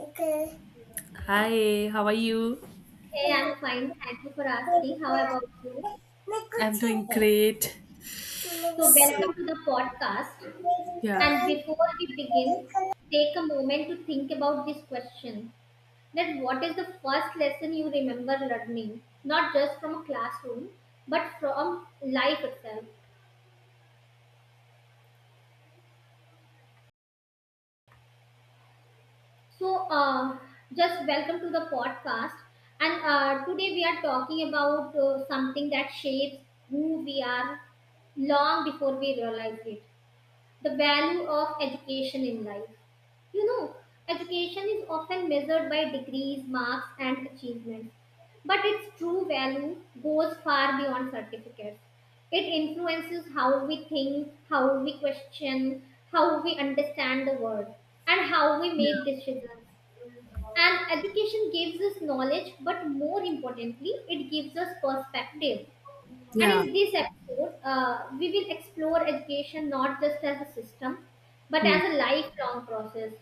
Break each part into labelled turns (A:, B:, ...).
A: Okay. Hi, how are you?
B: Hey, I'm fine. Thank you for asking. How about you?
A: I'm doing great. So,
B: So, welcome to the podcast.
A: yeah,
B: And before we begin, take a moment to think about this question that what is the first lesson you remember learning, not just from a classroom, but from life itself? So, uh, just welcome to the podcast. And today we are talking about something that shapes who we are long before we realize it. The value of education in life. You know, education is often measured by degrees, marks, and achievements, but its true value goes far beyond certificates. It influences how we think, how we question, how we understand the world, and how we make
A: yeah,
B: decisions. And education gives us knowledge, but more importantly, it gives us perspective. And
A: yeah,
B: in this episode, we will explore education not just as a system, but
A: hmm,
B: as a lifelong process.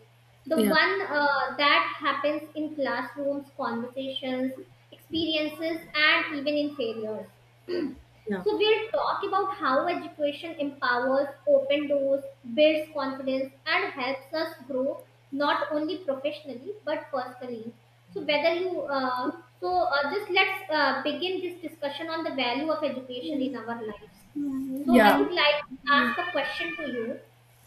B: The
A: yeah,
B: one that happens in classrooms, conversations, experiences, and even in failures.
A: yeah,
B: So we'll talk about how education empowers, open doors, builds confidence, and helps us grow not only professionally but personally. So whether you so just let's begin this discussion on the value of education in our lives. So I
A: yeah.
B: would like to ask a question to you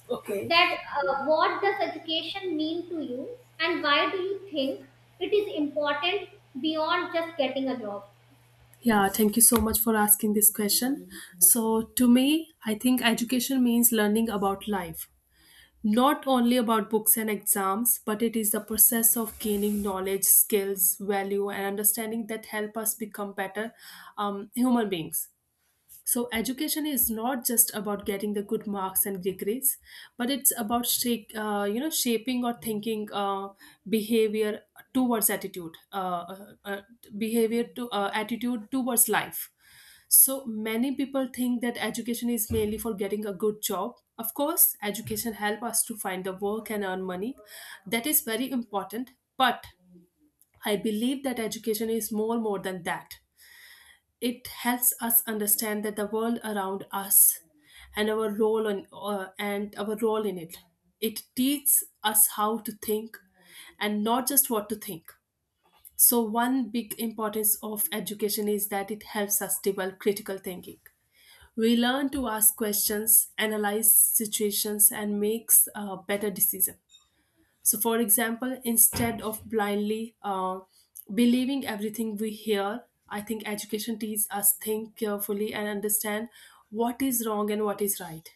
A: Okay.
B: that what does education mean to you and why do you think it is important beyond just getting a job?
A: Yeah, thank you so much for asking this question. So, to me, I think education means learning about life, not only about books and exams, but it is the process of gaining knowledge, skills, value, and understanding that help us become better human beings. So, education is not just about getting the good marks and degrees, but it's about shaping or thinking behavior towards attitude, behavior to attitude towards life. So many people think that education is mainly for getting a good job. Of course, education help us to find the work and earn money. That is very important. But I believe that education is more than that, it helps us understand that the world around us and our role in it. It teaches us how to think and not just what to think. So one big importance of education is that it helps us develop critical thinking. We learn to ask questions, analyze situations, and makes a better decision. So, for example, instead of blindly believing everything we hear, I think education teaches us think carefully and understand what is wrong and what is right.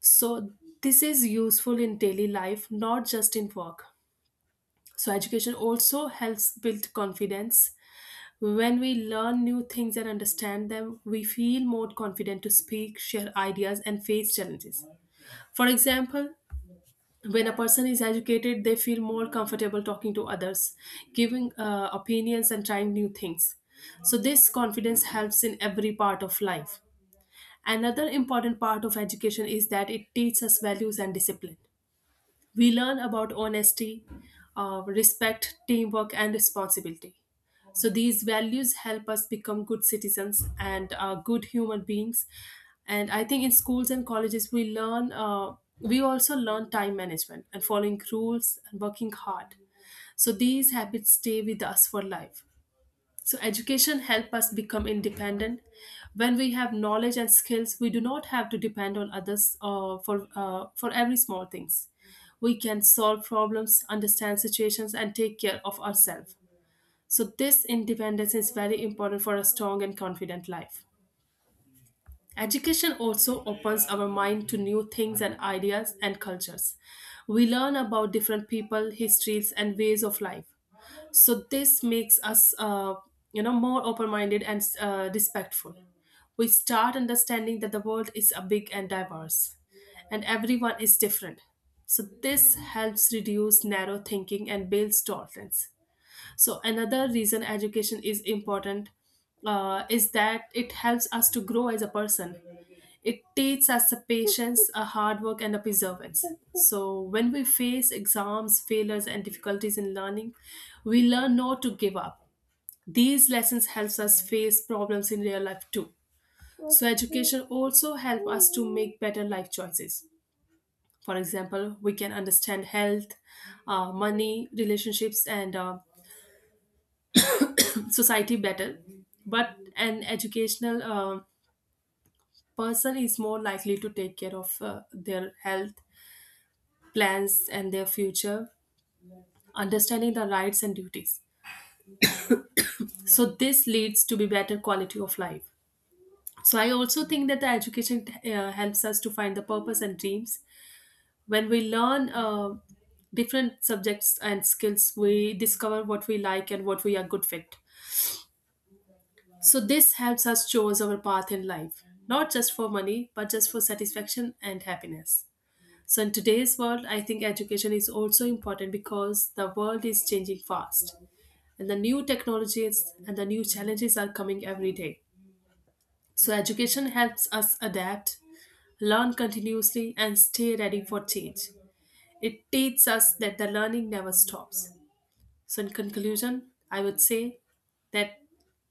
A: So, this is useful in daily life, not just in work. So, education also helps build confidence. When we learn new things and understand them, we feel more confident to speak, share ideas, and face challenges. For example, when a person is educated, they feel more comfortable talking to others, giving opinions and trying new things. So this confidence helps in every part of life. Another important part of education is that it teaches us values and discipline. We learn about honesty, respect, teamwork, and responsibility. So these values help us become good citizens and good human beings. And I think in schools and colleges we also learn time management and following rules and working hard. So these habits stay with us for life. So education help us become independent. When we have knowledge and skills, we do not have to depend on others for every small things. We can solve problems, understand situations, and take care of ourselves. So this independence is very important for a strong and confident life. Education also opens our mind to new things and ideas and cultures. We learn about different people, histories, and ways of life. So this makes us more open-minded and respectful. We start understanding that the world is a big and diverse, and everyone is different. So this helps reduce narrow thinking and builds tolerance. So another reason education is important is that it helps us to grow as a person. It teaches us the patience, a hard work, and a perseverance. So when we face exams, failures, and difficulties in learning, we learn not to give up. These lessons helps us face problems in real life too. So education also help us to make better life choices. For example, we can understand health, money, relationships, and society better. But an educational person is more likely to take care of their health plans and their future, understanding the rights and duties. So this leads to be better quality of life. So I also think that the education helps us to find the purpose and dreams. When we learn different subjects and skills, we discover what we like and what we are good fit. So this helps us choose our path in life, not just for money, but just for satisfaction and happiness. So in today's world, I think education is also important because the world is changing fast and the new technologies and the new challenges are coming every day. So education helps us adapt, learn continuously and stay ready for change. It teaches us that the learning never stops. So, in conclusion, I would say that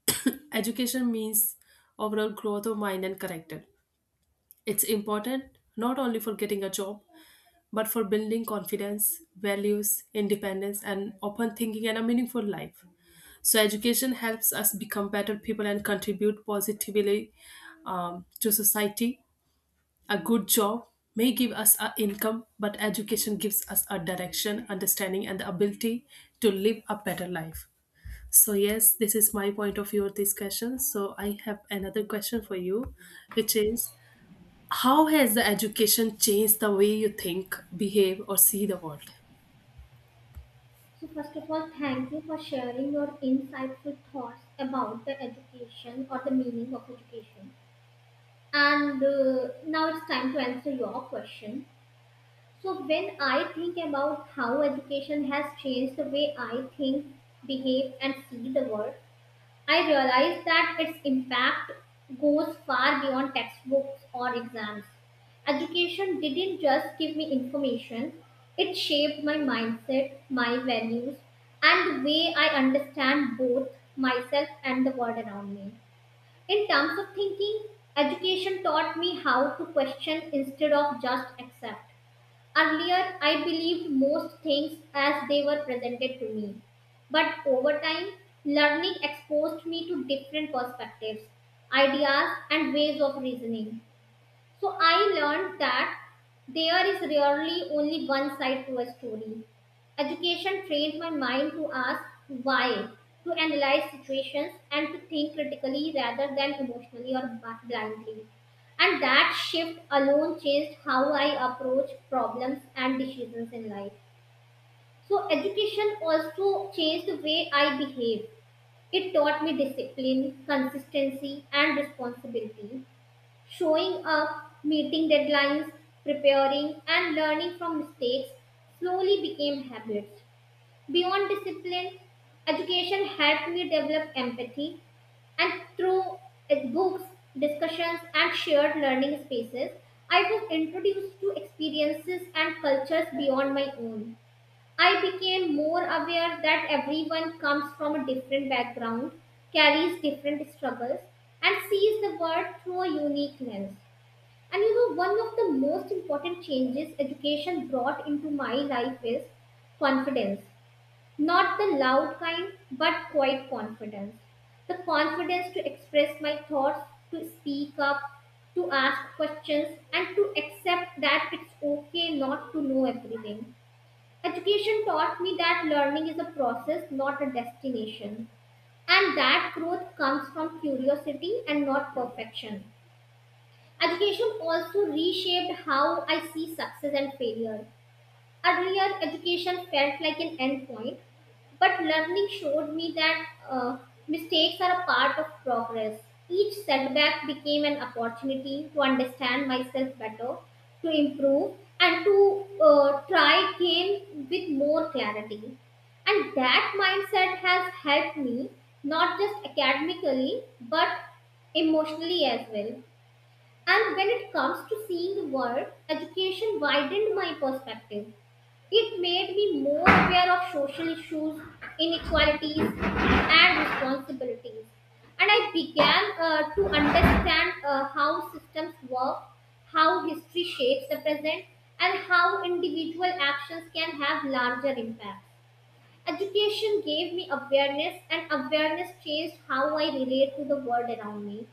A: education means overall growth of mind and character. It's important not only for getting a job, but for building confidence, values, independence, and open thinking and a meaningful life. So, education helps us become better people and contribute positively to society. A good job may give us an income, but education gives us a direction, understanding, and the ability to live a better life. So, yes, this is my point of view of this question. So, I have another question for you, which is, how has the education changed the way you think, behave, or see the world?
B: So first of all, thank you for sharing your insightful thoughts about the education or the meaning of education. And now it's time to answer your question. So when I think about how education has changed the way I think, behave, and see the world, I realized that its impact goes far beyond textbooks or exams. Education didn't just give me information, it shaped my mindset, my values, and the way I understand both myself and the world around me. In terms of thinking, education taught me how to question instead of just accept. Earlier, I believed most things as they were presented to me. But over time, learning exposed me to different perspectives, ideas, and ways of reasoning. So I learned that there is rarely only one side to a story. Education trained my mind to ask why, to analyze situations, and to think critically rather than emotionally or blindly. And that shift alone changed how I approach problems and decisions in life. So, education also changed the way I behave. It taught me discipline, consistency, and responsibility. Showing up, meeting deadlines, preparing, and learning from mistakes slowly became habits. Beyond discipline, education helped me develop empathy, and through its books, discussions, and shared learning spaces, I was introduced to experiences and cultures beyond my own. I became more aware that everyone comes from a different background, carries different struggles, and sees the world through a unique lens. And you know, one of the most important changes education brought into my life is confidence. Not the loud kind, but quiet confidence. The confidence to express my thoughts, to speak up, to ask questions, and to accept that it's okay not to know everything. Education taught me that learning is a process, not a destination. And that growth comes from curiosity and not perfection. Education also reshaped how I see success and failure. Earlier, education felt like an endpoint, but learning showed me that mistakes are a part of progress. Each setback became an opportunity to understand myself better, to improve, and to try again with more clarity. And that mindset has helped me not just academically but emotionally as well. And when it comes to seeing the world, education widened my perspective. It made me more aware of social issues, inequalities, and responsibilities. And I began to understand how systems work, how history shapes the present, and how individual actions can have larger impacts. Education gave me awareness, and awareness changed how I relate to the world around me.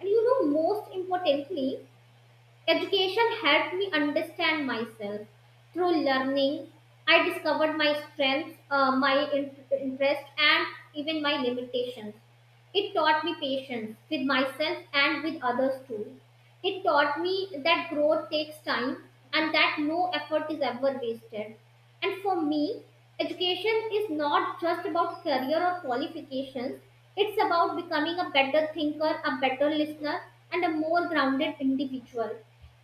B: And you know, most importantly, education helped me understand myself. Through learning, I discovered my strengths, interests, and even my limitations. It taught me patience with myself and with others too. It taught me that growth takes time and that no effort is ever wasted. And for me, education is not just about career or qualifications, it's about becoming a better thinker, a better listener, and a more grounded individual.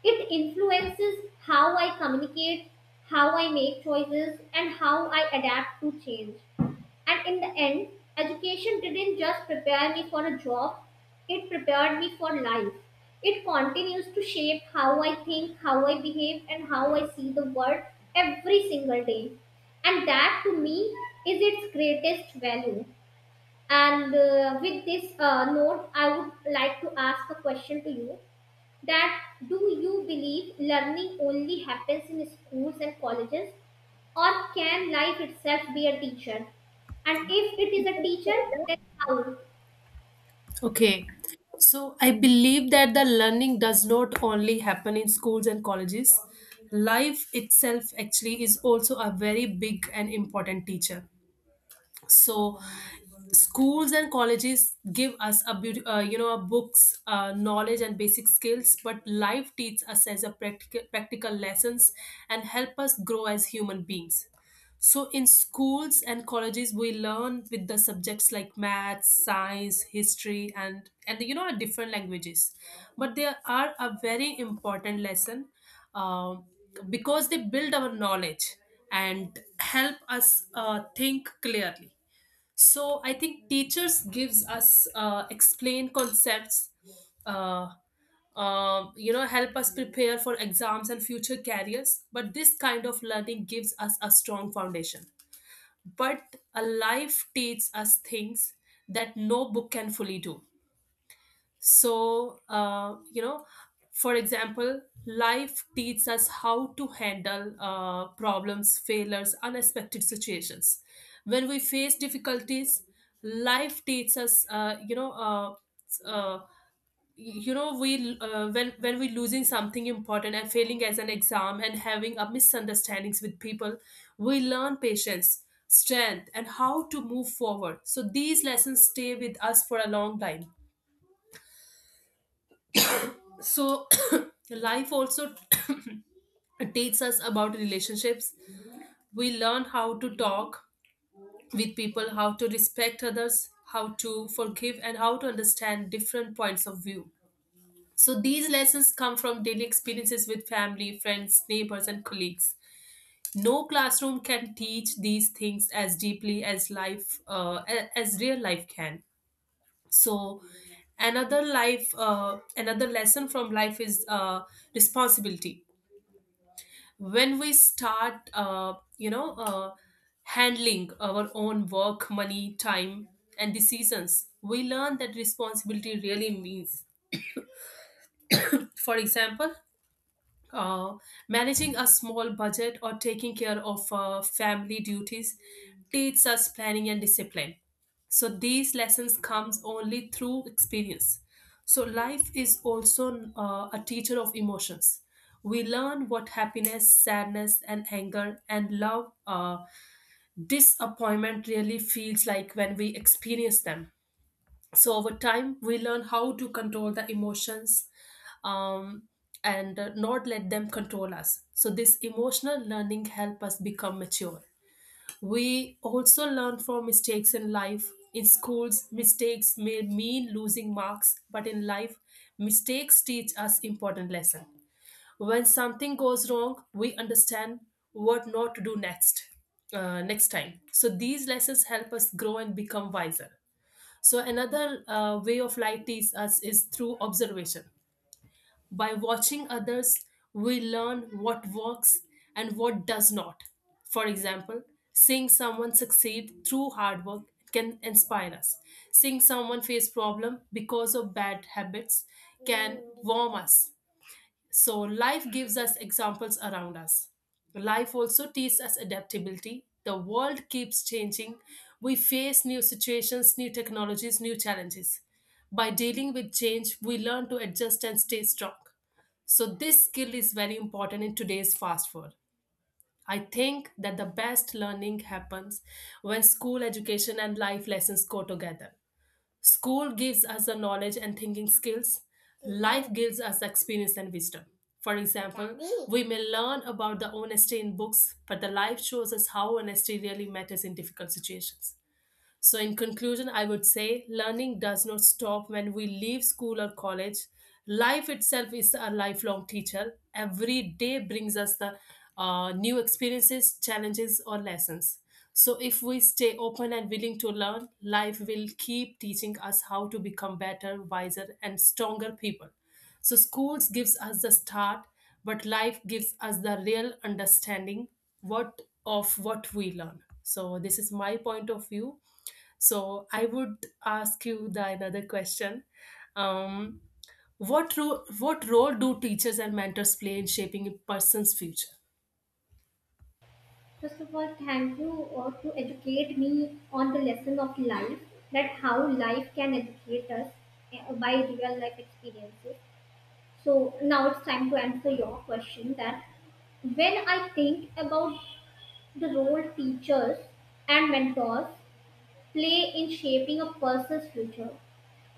B: It influences how I communicate, how I make choices, and how I adapt to change. And in the end, education didn't just prepare me for a job, it prepared me for life. It continues to shape how I think, how I behave, and how I see the world every single day. And that to me is its greatest value. And with this note, I would like to ask a question to you that do you believe learning only happens in schools and colleges, or can life itself be a teacher, and if it is a teacher, then how?
A: Okay. So I believe that the learning does not only happen in schools and colleges. Life itself actually is also a very big and important teacher. So schools and colleges give us a beauty you know a books knowledge and basic skills, but life teaches us as a practical lessons and help us grow as human beings. So in schools and colleges we learn with the subjects like maths, science, history, and you know, our different languages. But they are a very important lesson, um, because they build our knowledge and help us think clearly. So I think teachers gives us explain concepts, uh, you know, help us prepare for exams and future careers. But this kind of learning gives us a strong foundation. But a life teaches us things that no book can fully do. So you know, for example, life teaches us how to handle problems, failures, unexpected situations. When we face difficulties, life teaches us, uh, you know we when we losing something important and failing as an exam and having a misunderstandings with people, we learn patience, strength, and how to move forward. So these lessons stay with us for a long time. So life also teaches us about relationships. We learn how to talk with people, how to respect others, how to forgive, and how to understand different points of view. So these lessons come from daily experiences with family, friends, neighbors, and colleagues. No classroom can teach these things as deeply as as real life can. So another lesson from life is responsibility. When we start handling our own work, money, time, and the seasons, we learn that responsibility really means. For example, uh, managing a small budget or taking care of family duties teaches us planning and discipline. So these lessons comes only through experience. So life is also a teacher of emotions. We learn what happiness, sadness, and anger, and love, disappointment really feels like when we experience them. So over time we learn how to control the emotions, um, and not let them control us. So this emotional learning help us become mature. We also learn from mistakes in life. In schools, mistakes may mean losing marks, but in life, mistakes teach us important lesson. When something goes wrong, we understand what not to do next time. So these lessons help us grow and become wiser. So another way of life teaches us is through observation. By watching others, we learn what works and what does not. For example, seeing someone succeed through hard work can inspire us. Seeing someone face problem because of bad habits can warm us. So life gives us examples around us. Life also teaches us adaptability. The world keeps changing. We face new situations, new technologies, new challenges. By dealing with change, we learn to adjust and stay strong. So this skill is very important in today's fast world. I think that the best learning happens when school education and life lessons go together. School gives us the knowledge and thinking skills. Life gives us experience and wisdom. For example, we may learn about the honesty in books, but the life shows us how honesty really matters in difficult situations. So, in conclusion, I would say learning does not stop when we leave school or college. Life itself is a lifelong teacher. Every day brings us the new experiences, challenges, or lessons. So, if we stay open and willing to learn, life will keep teaching us how to become better, wiser, and stronger people. So, schools gives us the start, but life gives us the real understanding what of what we learn. So, this is my point of view. So I would ask you the another question. Um, what role do teachers and mentors play in shaping a person's future?
B: First of all, thank you or to educate me on the lesson of life, that how life can educate us by real life experiences. So now it's time to answer your question that when I think about the role teachers and mentors play in shaping a person's future.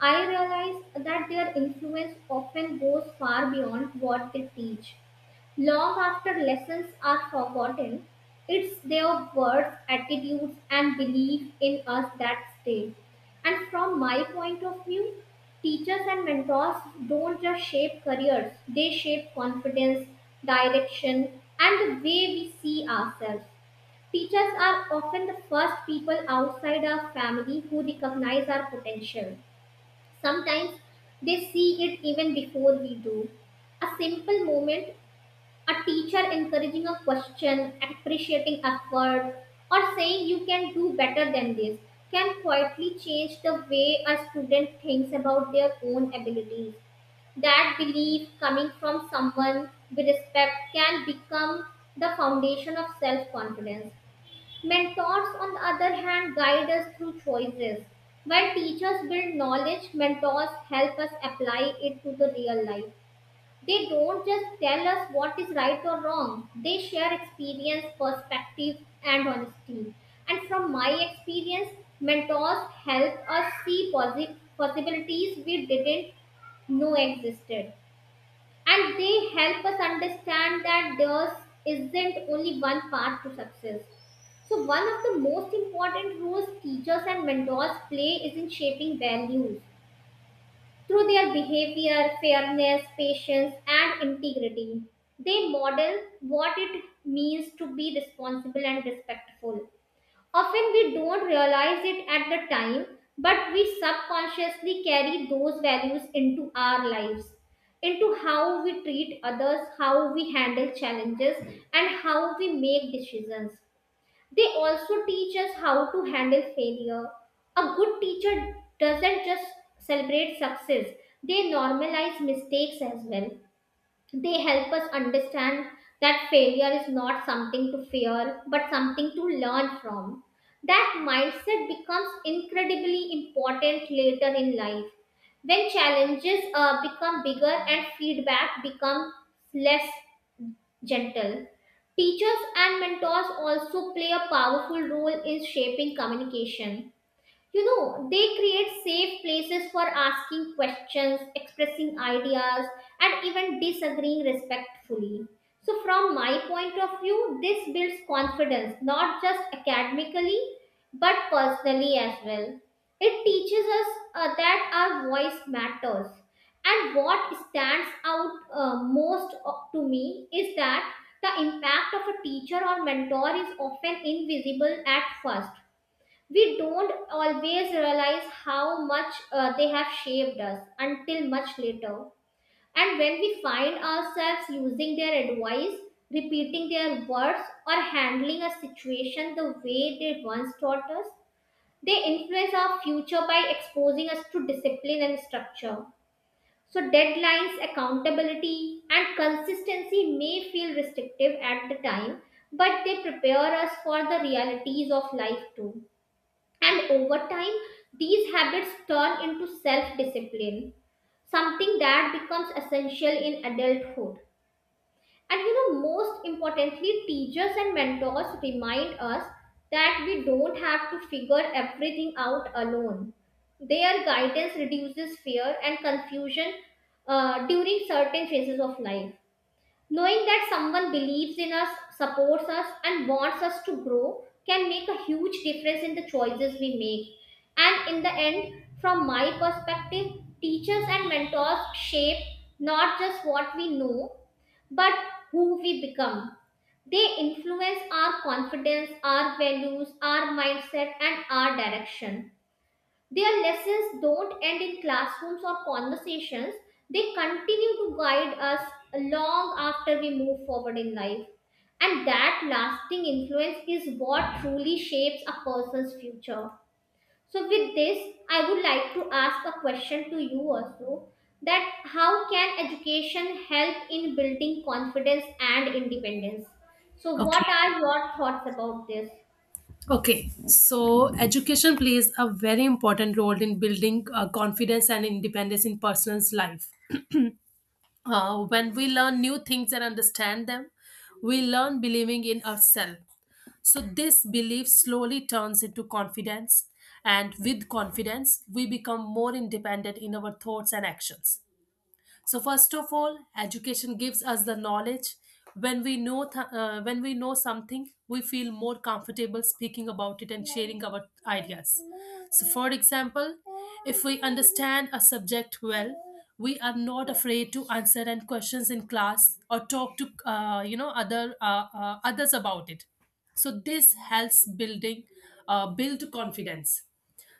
B: I realize that their influence often goes far beyond what they teach. Long after lessons are forgotten, it's their words, attitudes, and belief in us that stay. And from my point of view, teachers and mentors don't just shape careers, they shape confidence, direction, and the way we see ourselves. Teachers are often the first people outside our family who recognize our potential. Sometimes they see it even before we do. A simple moment, a teacher encouraging a question, appreciating effort, or saying you can do better than this can quietly change the way a student thinks about their own abilities. That belief coming from someone we respect can become the foundation of self confidence. Mentors, on the other hand, guide us through choices. When teachers build knowledge, mentors help us apply it to the real life. They don't just tell us what is right or wrong, they share experience, perspective, and honesty. And from my experience, mentors help us see possibilities we didn't know existed, and they help us understand that there isn't only one path to success. So, one of the most important roles teachers and mentors play is in shaping values through their behavior, fairness, patience, and integrity. They model what it means to be responsible and respectful. Often we don't realize it at the time, but we subconsciously carry those values into our lives, into how we treat others, how we handle challenges, and how we make decisions. They also teach us how to handle failure. A good teacher doesn't just celebrate success, they normalize mistakes as well. They help us understand that failure is not something to fear but something to learn from. That mindset becomes incredibly important later in life when challenges become bigger and feedback becomes less gentle. Teachers and mentors also play a powerful role in shaping communication. You know, they create safe places for asking questions, expressing ideas, and even disagreeing respectfully. So from my point of view, this builds confidence not just academically but personally as well. It teaches us that our voice matters. And what stands out to me is that the impact of a teacher or mentor is often invisible at first. We don't always realize how much they have shaped us until much later. And when we find ourselves using their advice, repeating their words, or handling a situation the way they once taught us, they influence our future by exposing us to discipline and structure. So, deadlines, accountability, and consistency may feel restrictive at the time, but they prepare us for the realities of life too. And over time, these habits turn into self discipline, something that becomes essential in adulthood. And you know, most importantly, teachers and mentors remind us that we don't have to figure everything out alone. Their guidance reduces fear and confusion during certain phases of life. Knowing that someone believes in us, supports us, and wants us to grow can make a huge difference in the choices we make. And in the end, from my perspective, teachers and mentors shape not just what we know, but who we become. They influence our confidence, our values, our mindset, and our direction. Their lessons don't end in classrooms or conversations, they continue to guide us long after we move forward in life. And that lasting influence is what truly shapes a person's future. So, with this, I would like to ask a question to you also, that how can education help in building confidence and independence? So, what
A: Okay.
B: are your thoughts about this?
A: Okay. So education plays a very important role in building confidence and independence in person's life. When we learn new things and understand them, we learn believing in ourselves. So, this belief slowly turns into confidence, and with confidence, we become more independent in our thoughts and actions. So first of all, education gives us the knowledge. When we know when we know something, we feel more comfortable speaking about it and sharing our ideas. So for example, if we understand a subject well, we are not afraid to answer and questions in class or talk to you know other others about it. So this helps build confidence.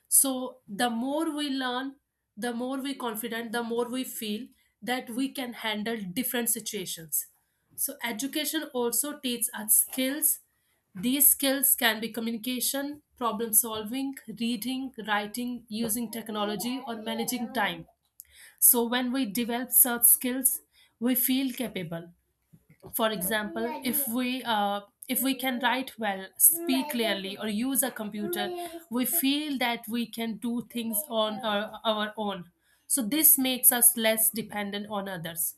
A: So the more we learn, the more we confident, the more we feel that we can handle different situations. So education also teaches us skills. These skills can be communication, problem solving, reading, writing, using technology, or managing time. So when we develop such skills, we feel capable. For example, if we can write well, speak clearly, or use a computer, we feel that we can do things on our own. So this makes us less dependent on others.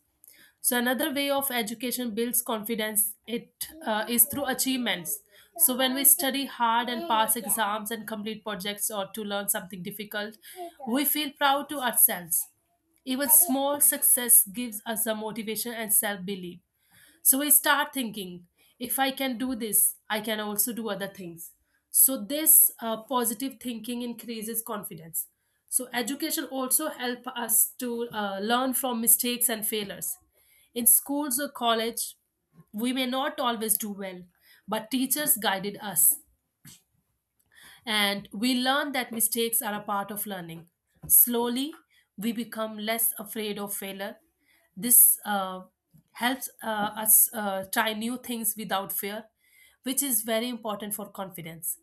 A: So another way of education builds confidence. It is through achievements. So when we study hard and pass exams and complete projects or to learn something difficult, we feel proud to ourselves. Even small success gives us a motivation and self belief. So I start thinking, if I can do this, I can also do other things. So this positive thinking increases confidence. So education also help us to learn from mistakes and failures. In schools or college, we may not always do well, but teachers guided us. And we learn that mistakes are a part of learning. Slowly, we become less afraid of failure. This helps us try new things without fear, which is very important for confidence.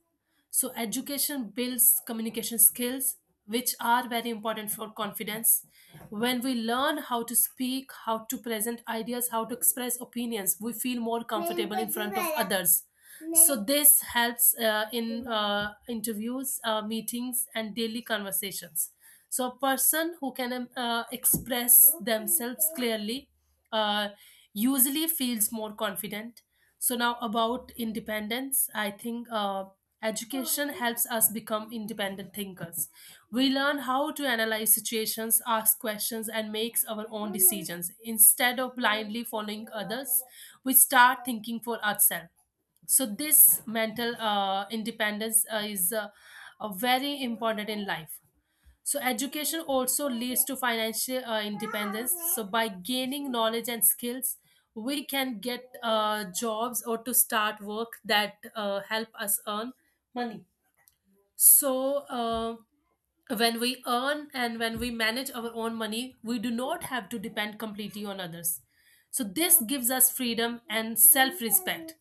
A: So, education builds communication skills, which are very important for confidence. When we learn how to speak, how to present ideas, how to express opinions, we feel more comfortable in front of others. So this helps in interviews, meetings, and daily conversations. So a person who can express themselves clearly uh, usually feels more confident. So now about independence, I think education helps us become independent thinkers. We learn how to analyze situations, ask questions, and makes our own decisions instead of blindly following others. We start thinking for ourselves. So this mental independence is very important in life. So education also leads to financial independence. So by gaining knowledge and skills, we can get jobs or to start work that help us earn money. So when we earn and when we manage our own money, we do not have to depend completely on others. So this gives us freedom and self respect.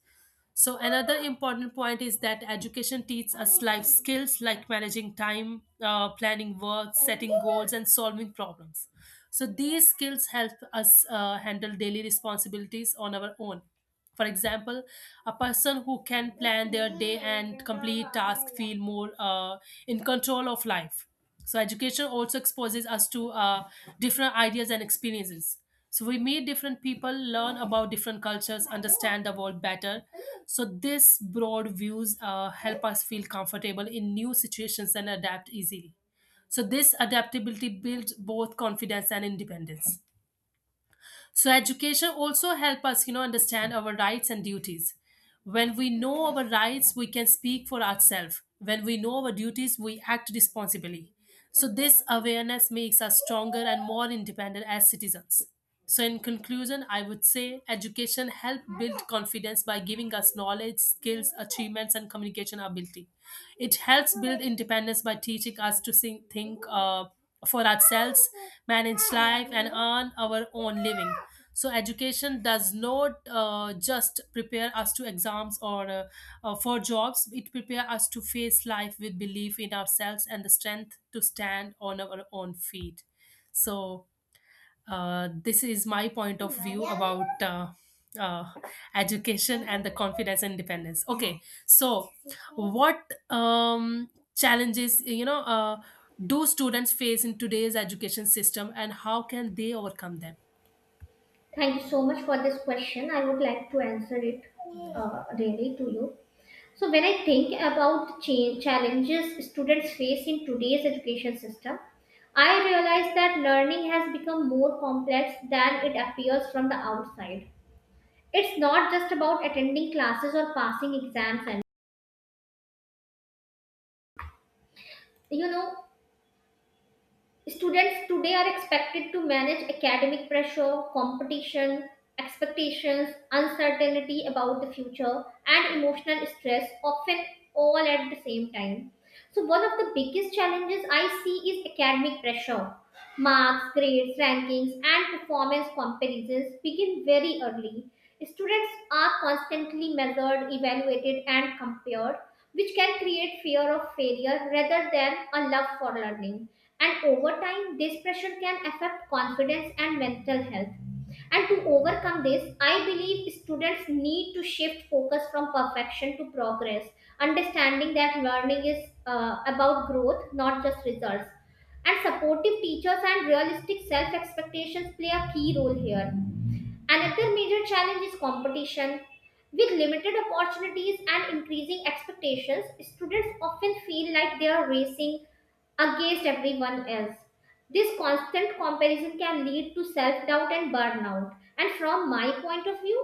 A: So another important point is that education teaches us life skills like managing time, planning work, setting goals, and solving problems. So these skills help us handle daily responsibilities on our own. For example, a person who can plan their day and complete tasks feel more in control of life. So education also exposes us to different ideas and experiences. So we meet different people, learn about different cultures, understand the world better. So this broad views help us feel comfortable in new situations and adapt easily. So, this adaptability builds both confidence and independence. So, education also help us, you know, understand our rights and duties. When we know our rights, we can speak for ourselves. When we know our duties, we act responsibly. So, this awareness makes us stronger and more independent as citizens. So, in conclusion, I would say education help build confidence by giving us knowledge, skills, achievements, and communication ability. It helps build independence by teaching us to think, think for ourselves, manage life, and earn our own living. So, education does not just prepare us to exams or for jobs, it prepares us to face life with belief in ourselves and the strength to stand on our own feet. So, this is my point of view about uh, education and the confidence and independence. Okay, so what um, challenges, you know, do students face in today's education system, and how can they overcome them?
B: Thank you so much for this question. I would like to answer it really to you. So, when I think about change, challenges students face in today's education system, I realize that learning has become more complex than it appears from the outside. It's not just about attending classes or passing exams, and you know, students today are expected to manage academic pressure, competition, expectations, uncertainty about the future, and emotional stress, often all at the same time. So, one of the biggest challenges I see is academic pressure. Marks, grades, rankings, and performance comparisons begin very early. Students are constantly measured, evaluated, and compared, which can create fear of failure rather than a love for learning. And over time, this pressure can affect confidence and mental health. And to overcome this, I believe students need to shift focus from perfection to progress, understanding that learning is about growth, not just results, and supportive teachers and realistic self expectations play a key role here. Another major challenge is competition. With limited opportunities and increasing expectations, students often feel like they are racing against everyone else. This constant comparison can lead to self doubt and burnout. And from my point of view,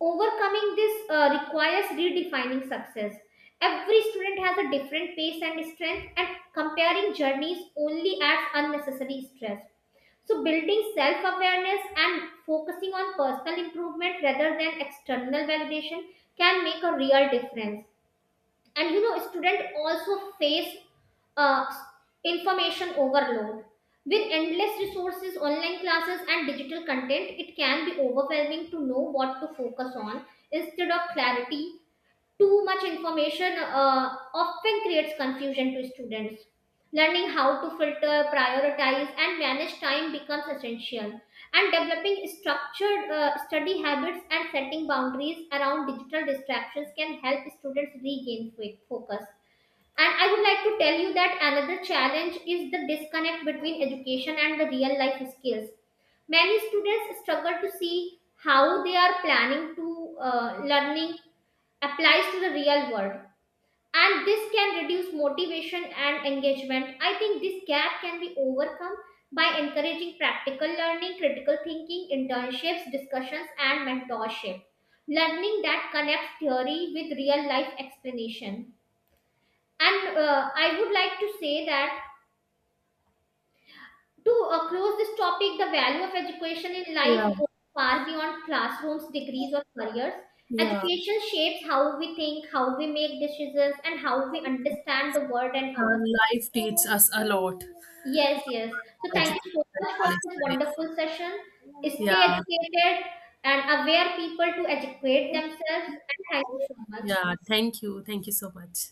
B: overcoming this requires redefining success. Every student has a different pace and strength, and comparing journeys only adds unnecessary stress. So, building self awareness and focusing on personal improvement rather than external validation can make a real difference. And you know, students also face uh, information overload. With endless resources, online classes, and digital content, it can be overwhelming to know what to focus on instead of clarity. Too much information often creates confusion to students. Learning how to filter, prioritize, and manage time becomes essential. And developing structured study habits and setting boundaries around digital distractions can help students regain focus. And I would like to tell you that another challenge is the disconnect between education and the real life skills. Many students struggle to see how they are planning to learning applies to the real world, and this can reduce motivation and engagement. I think this gap can be overcome by encouraging practical learning, critical thinking, internships, discussions, and mentorship, learning that connects theory with real life explanation. And I would like to say that to close this topic, the value of education in
A: Yeah,
B: life goes far beyond classrooms, degrees, or careers.
A: yeah.
B: Education shapes how we think, how we make decisions, and how we understand the world and
A: Uh,
B: ourselves.
A: Life teaches us a lot.
B: Yes, yes. So thank
A: Education
B: you so
A: and
B: much for
A: college
B: this
A: studies.
B: wonderful session. Stay
A: Yeah,
B: educated and aware people to educate themselves. And thank you so much.
A: yeah. Thank you so much.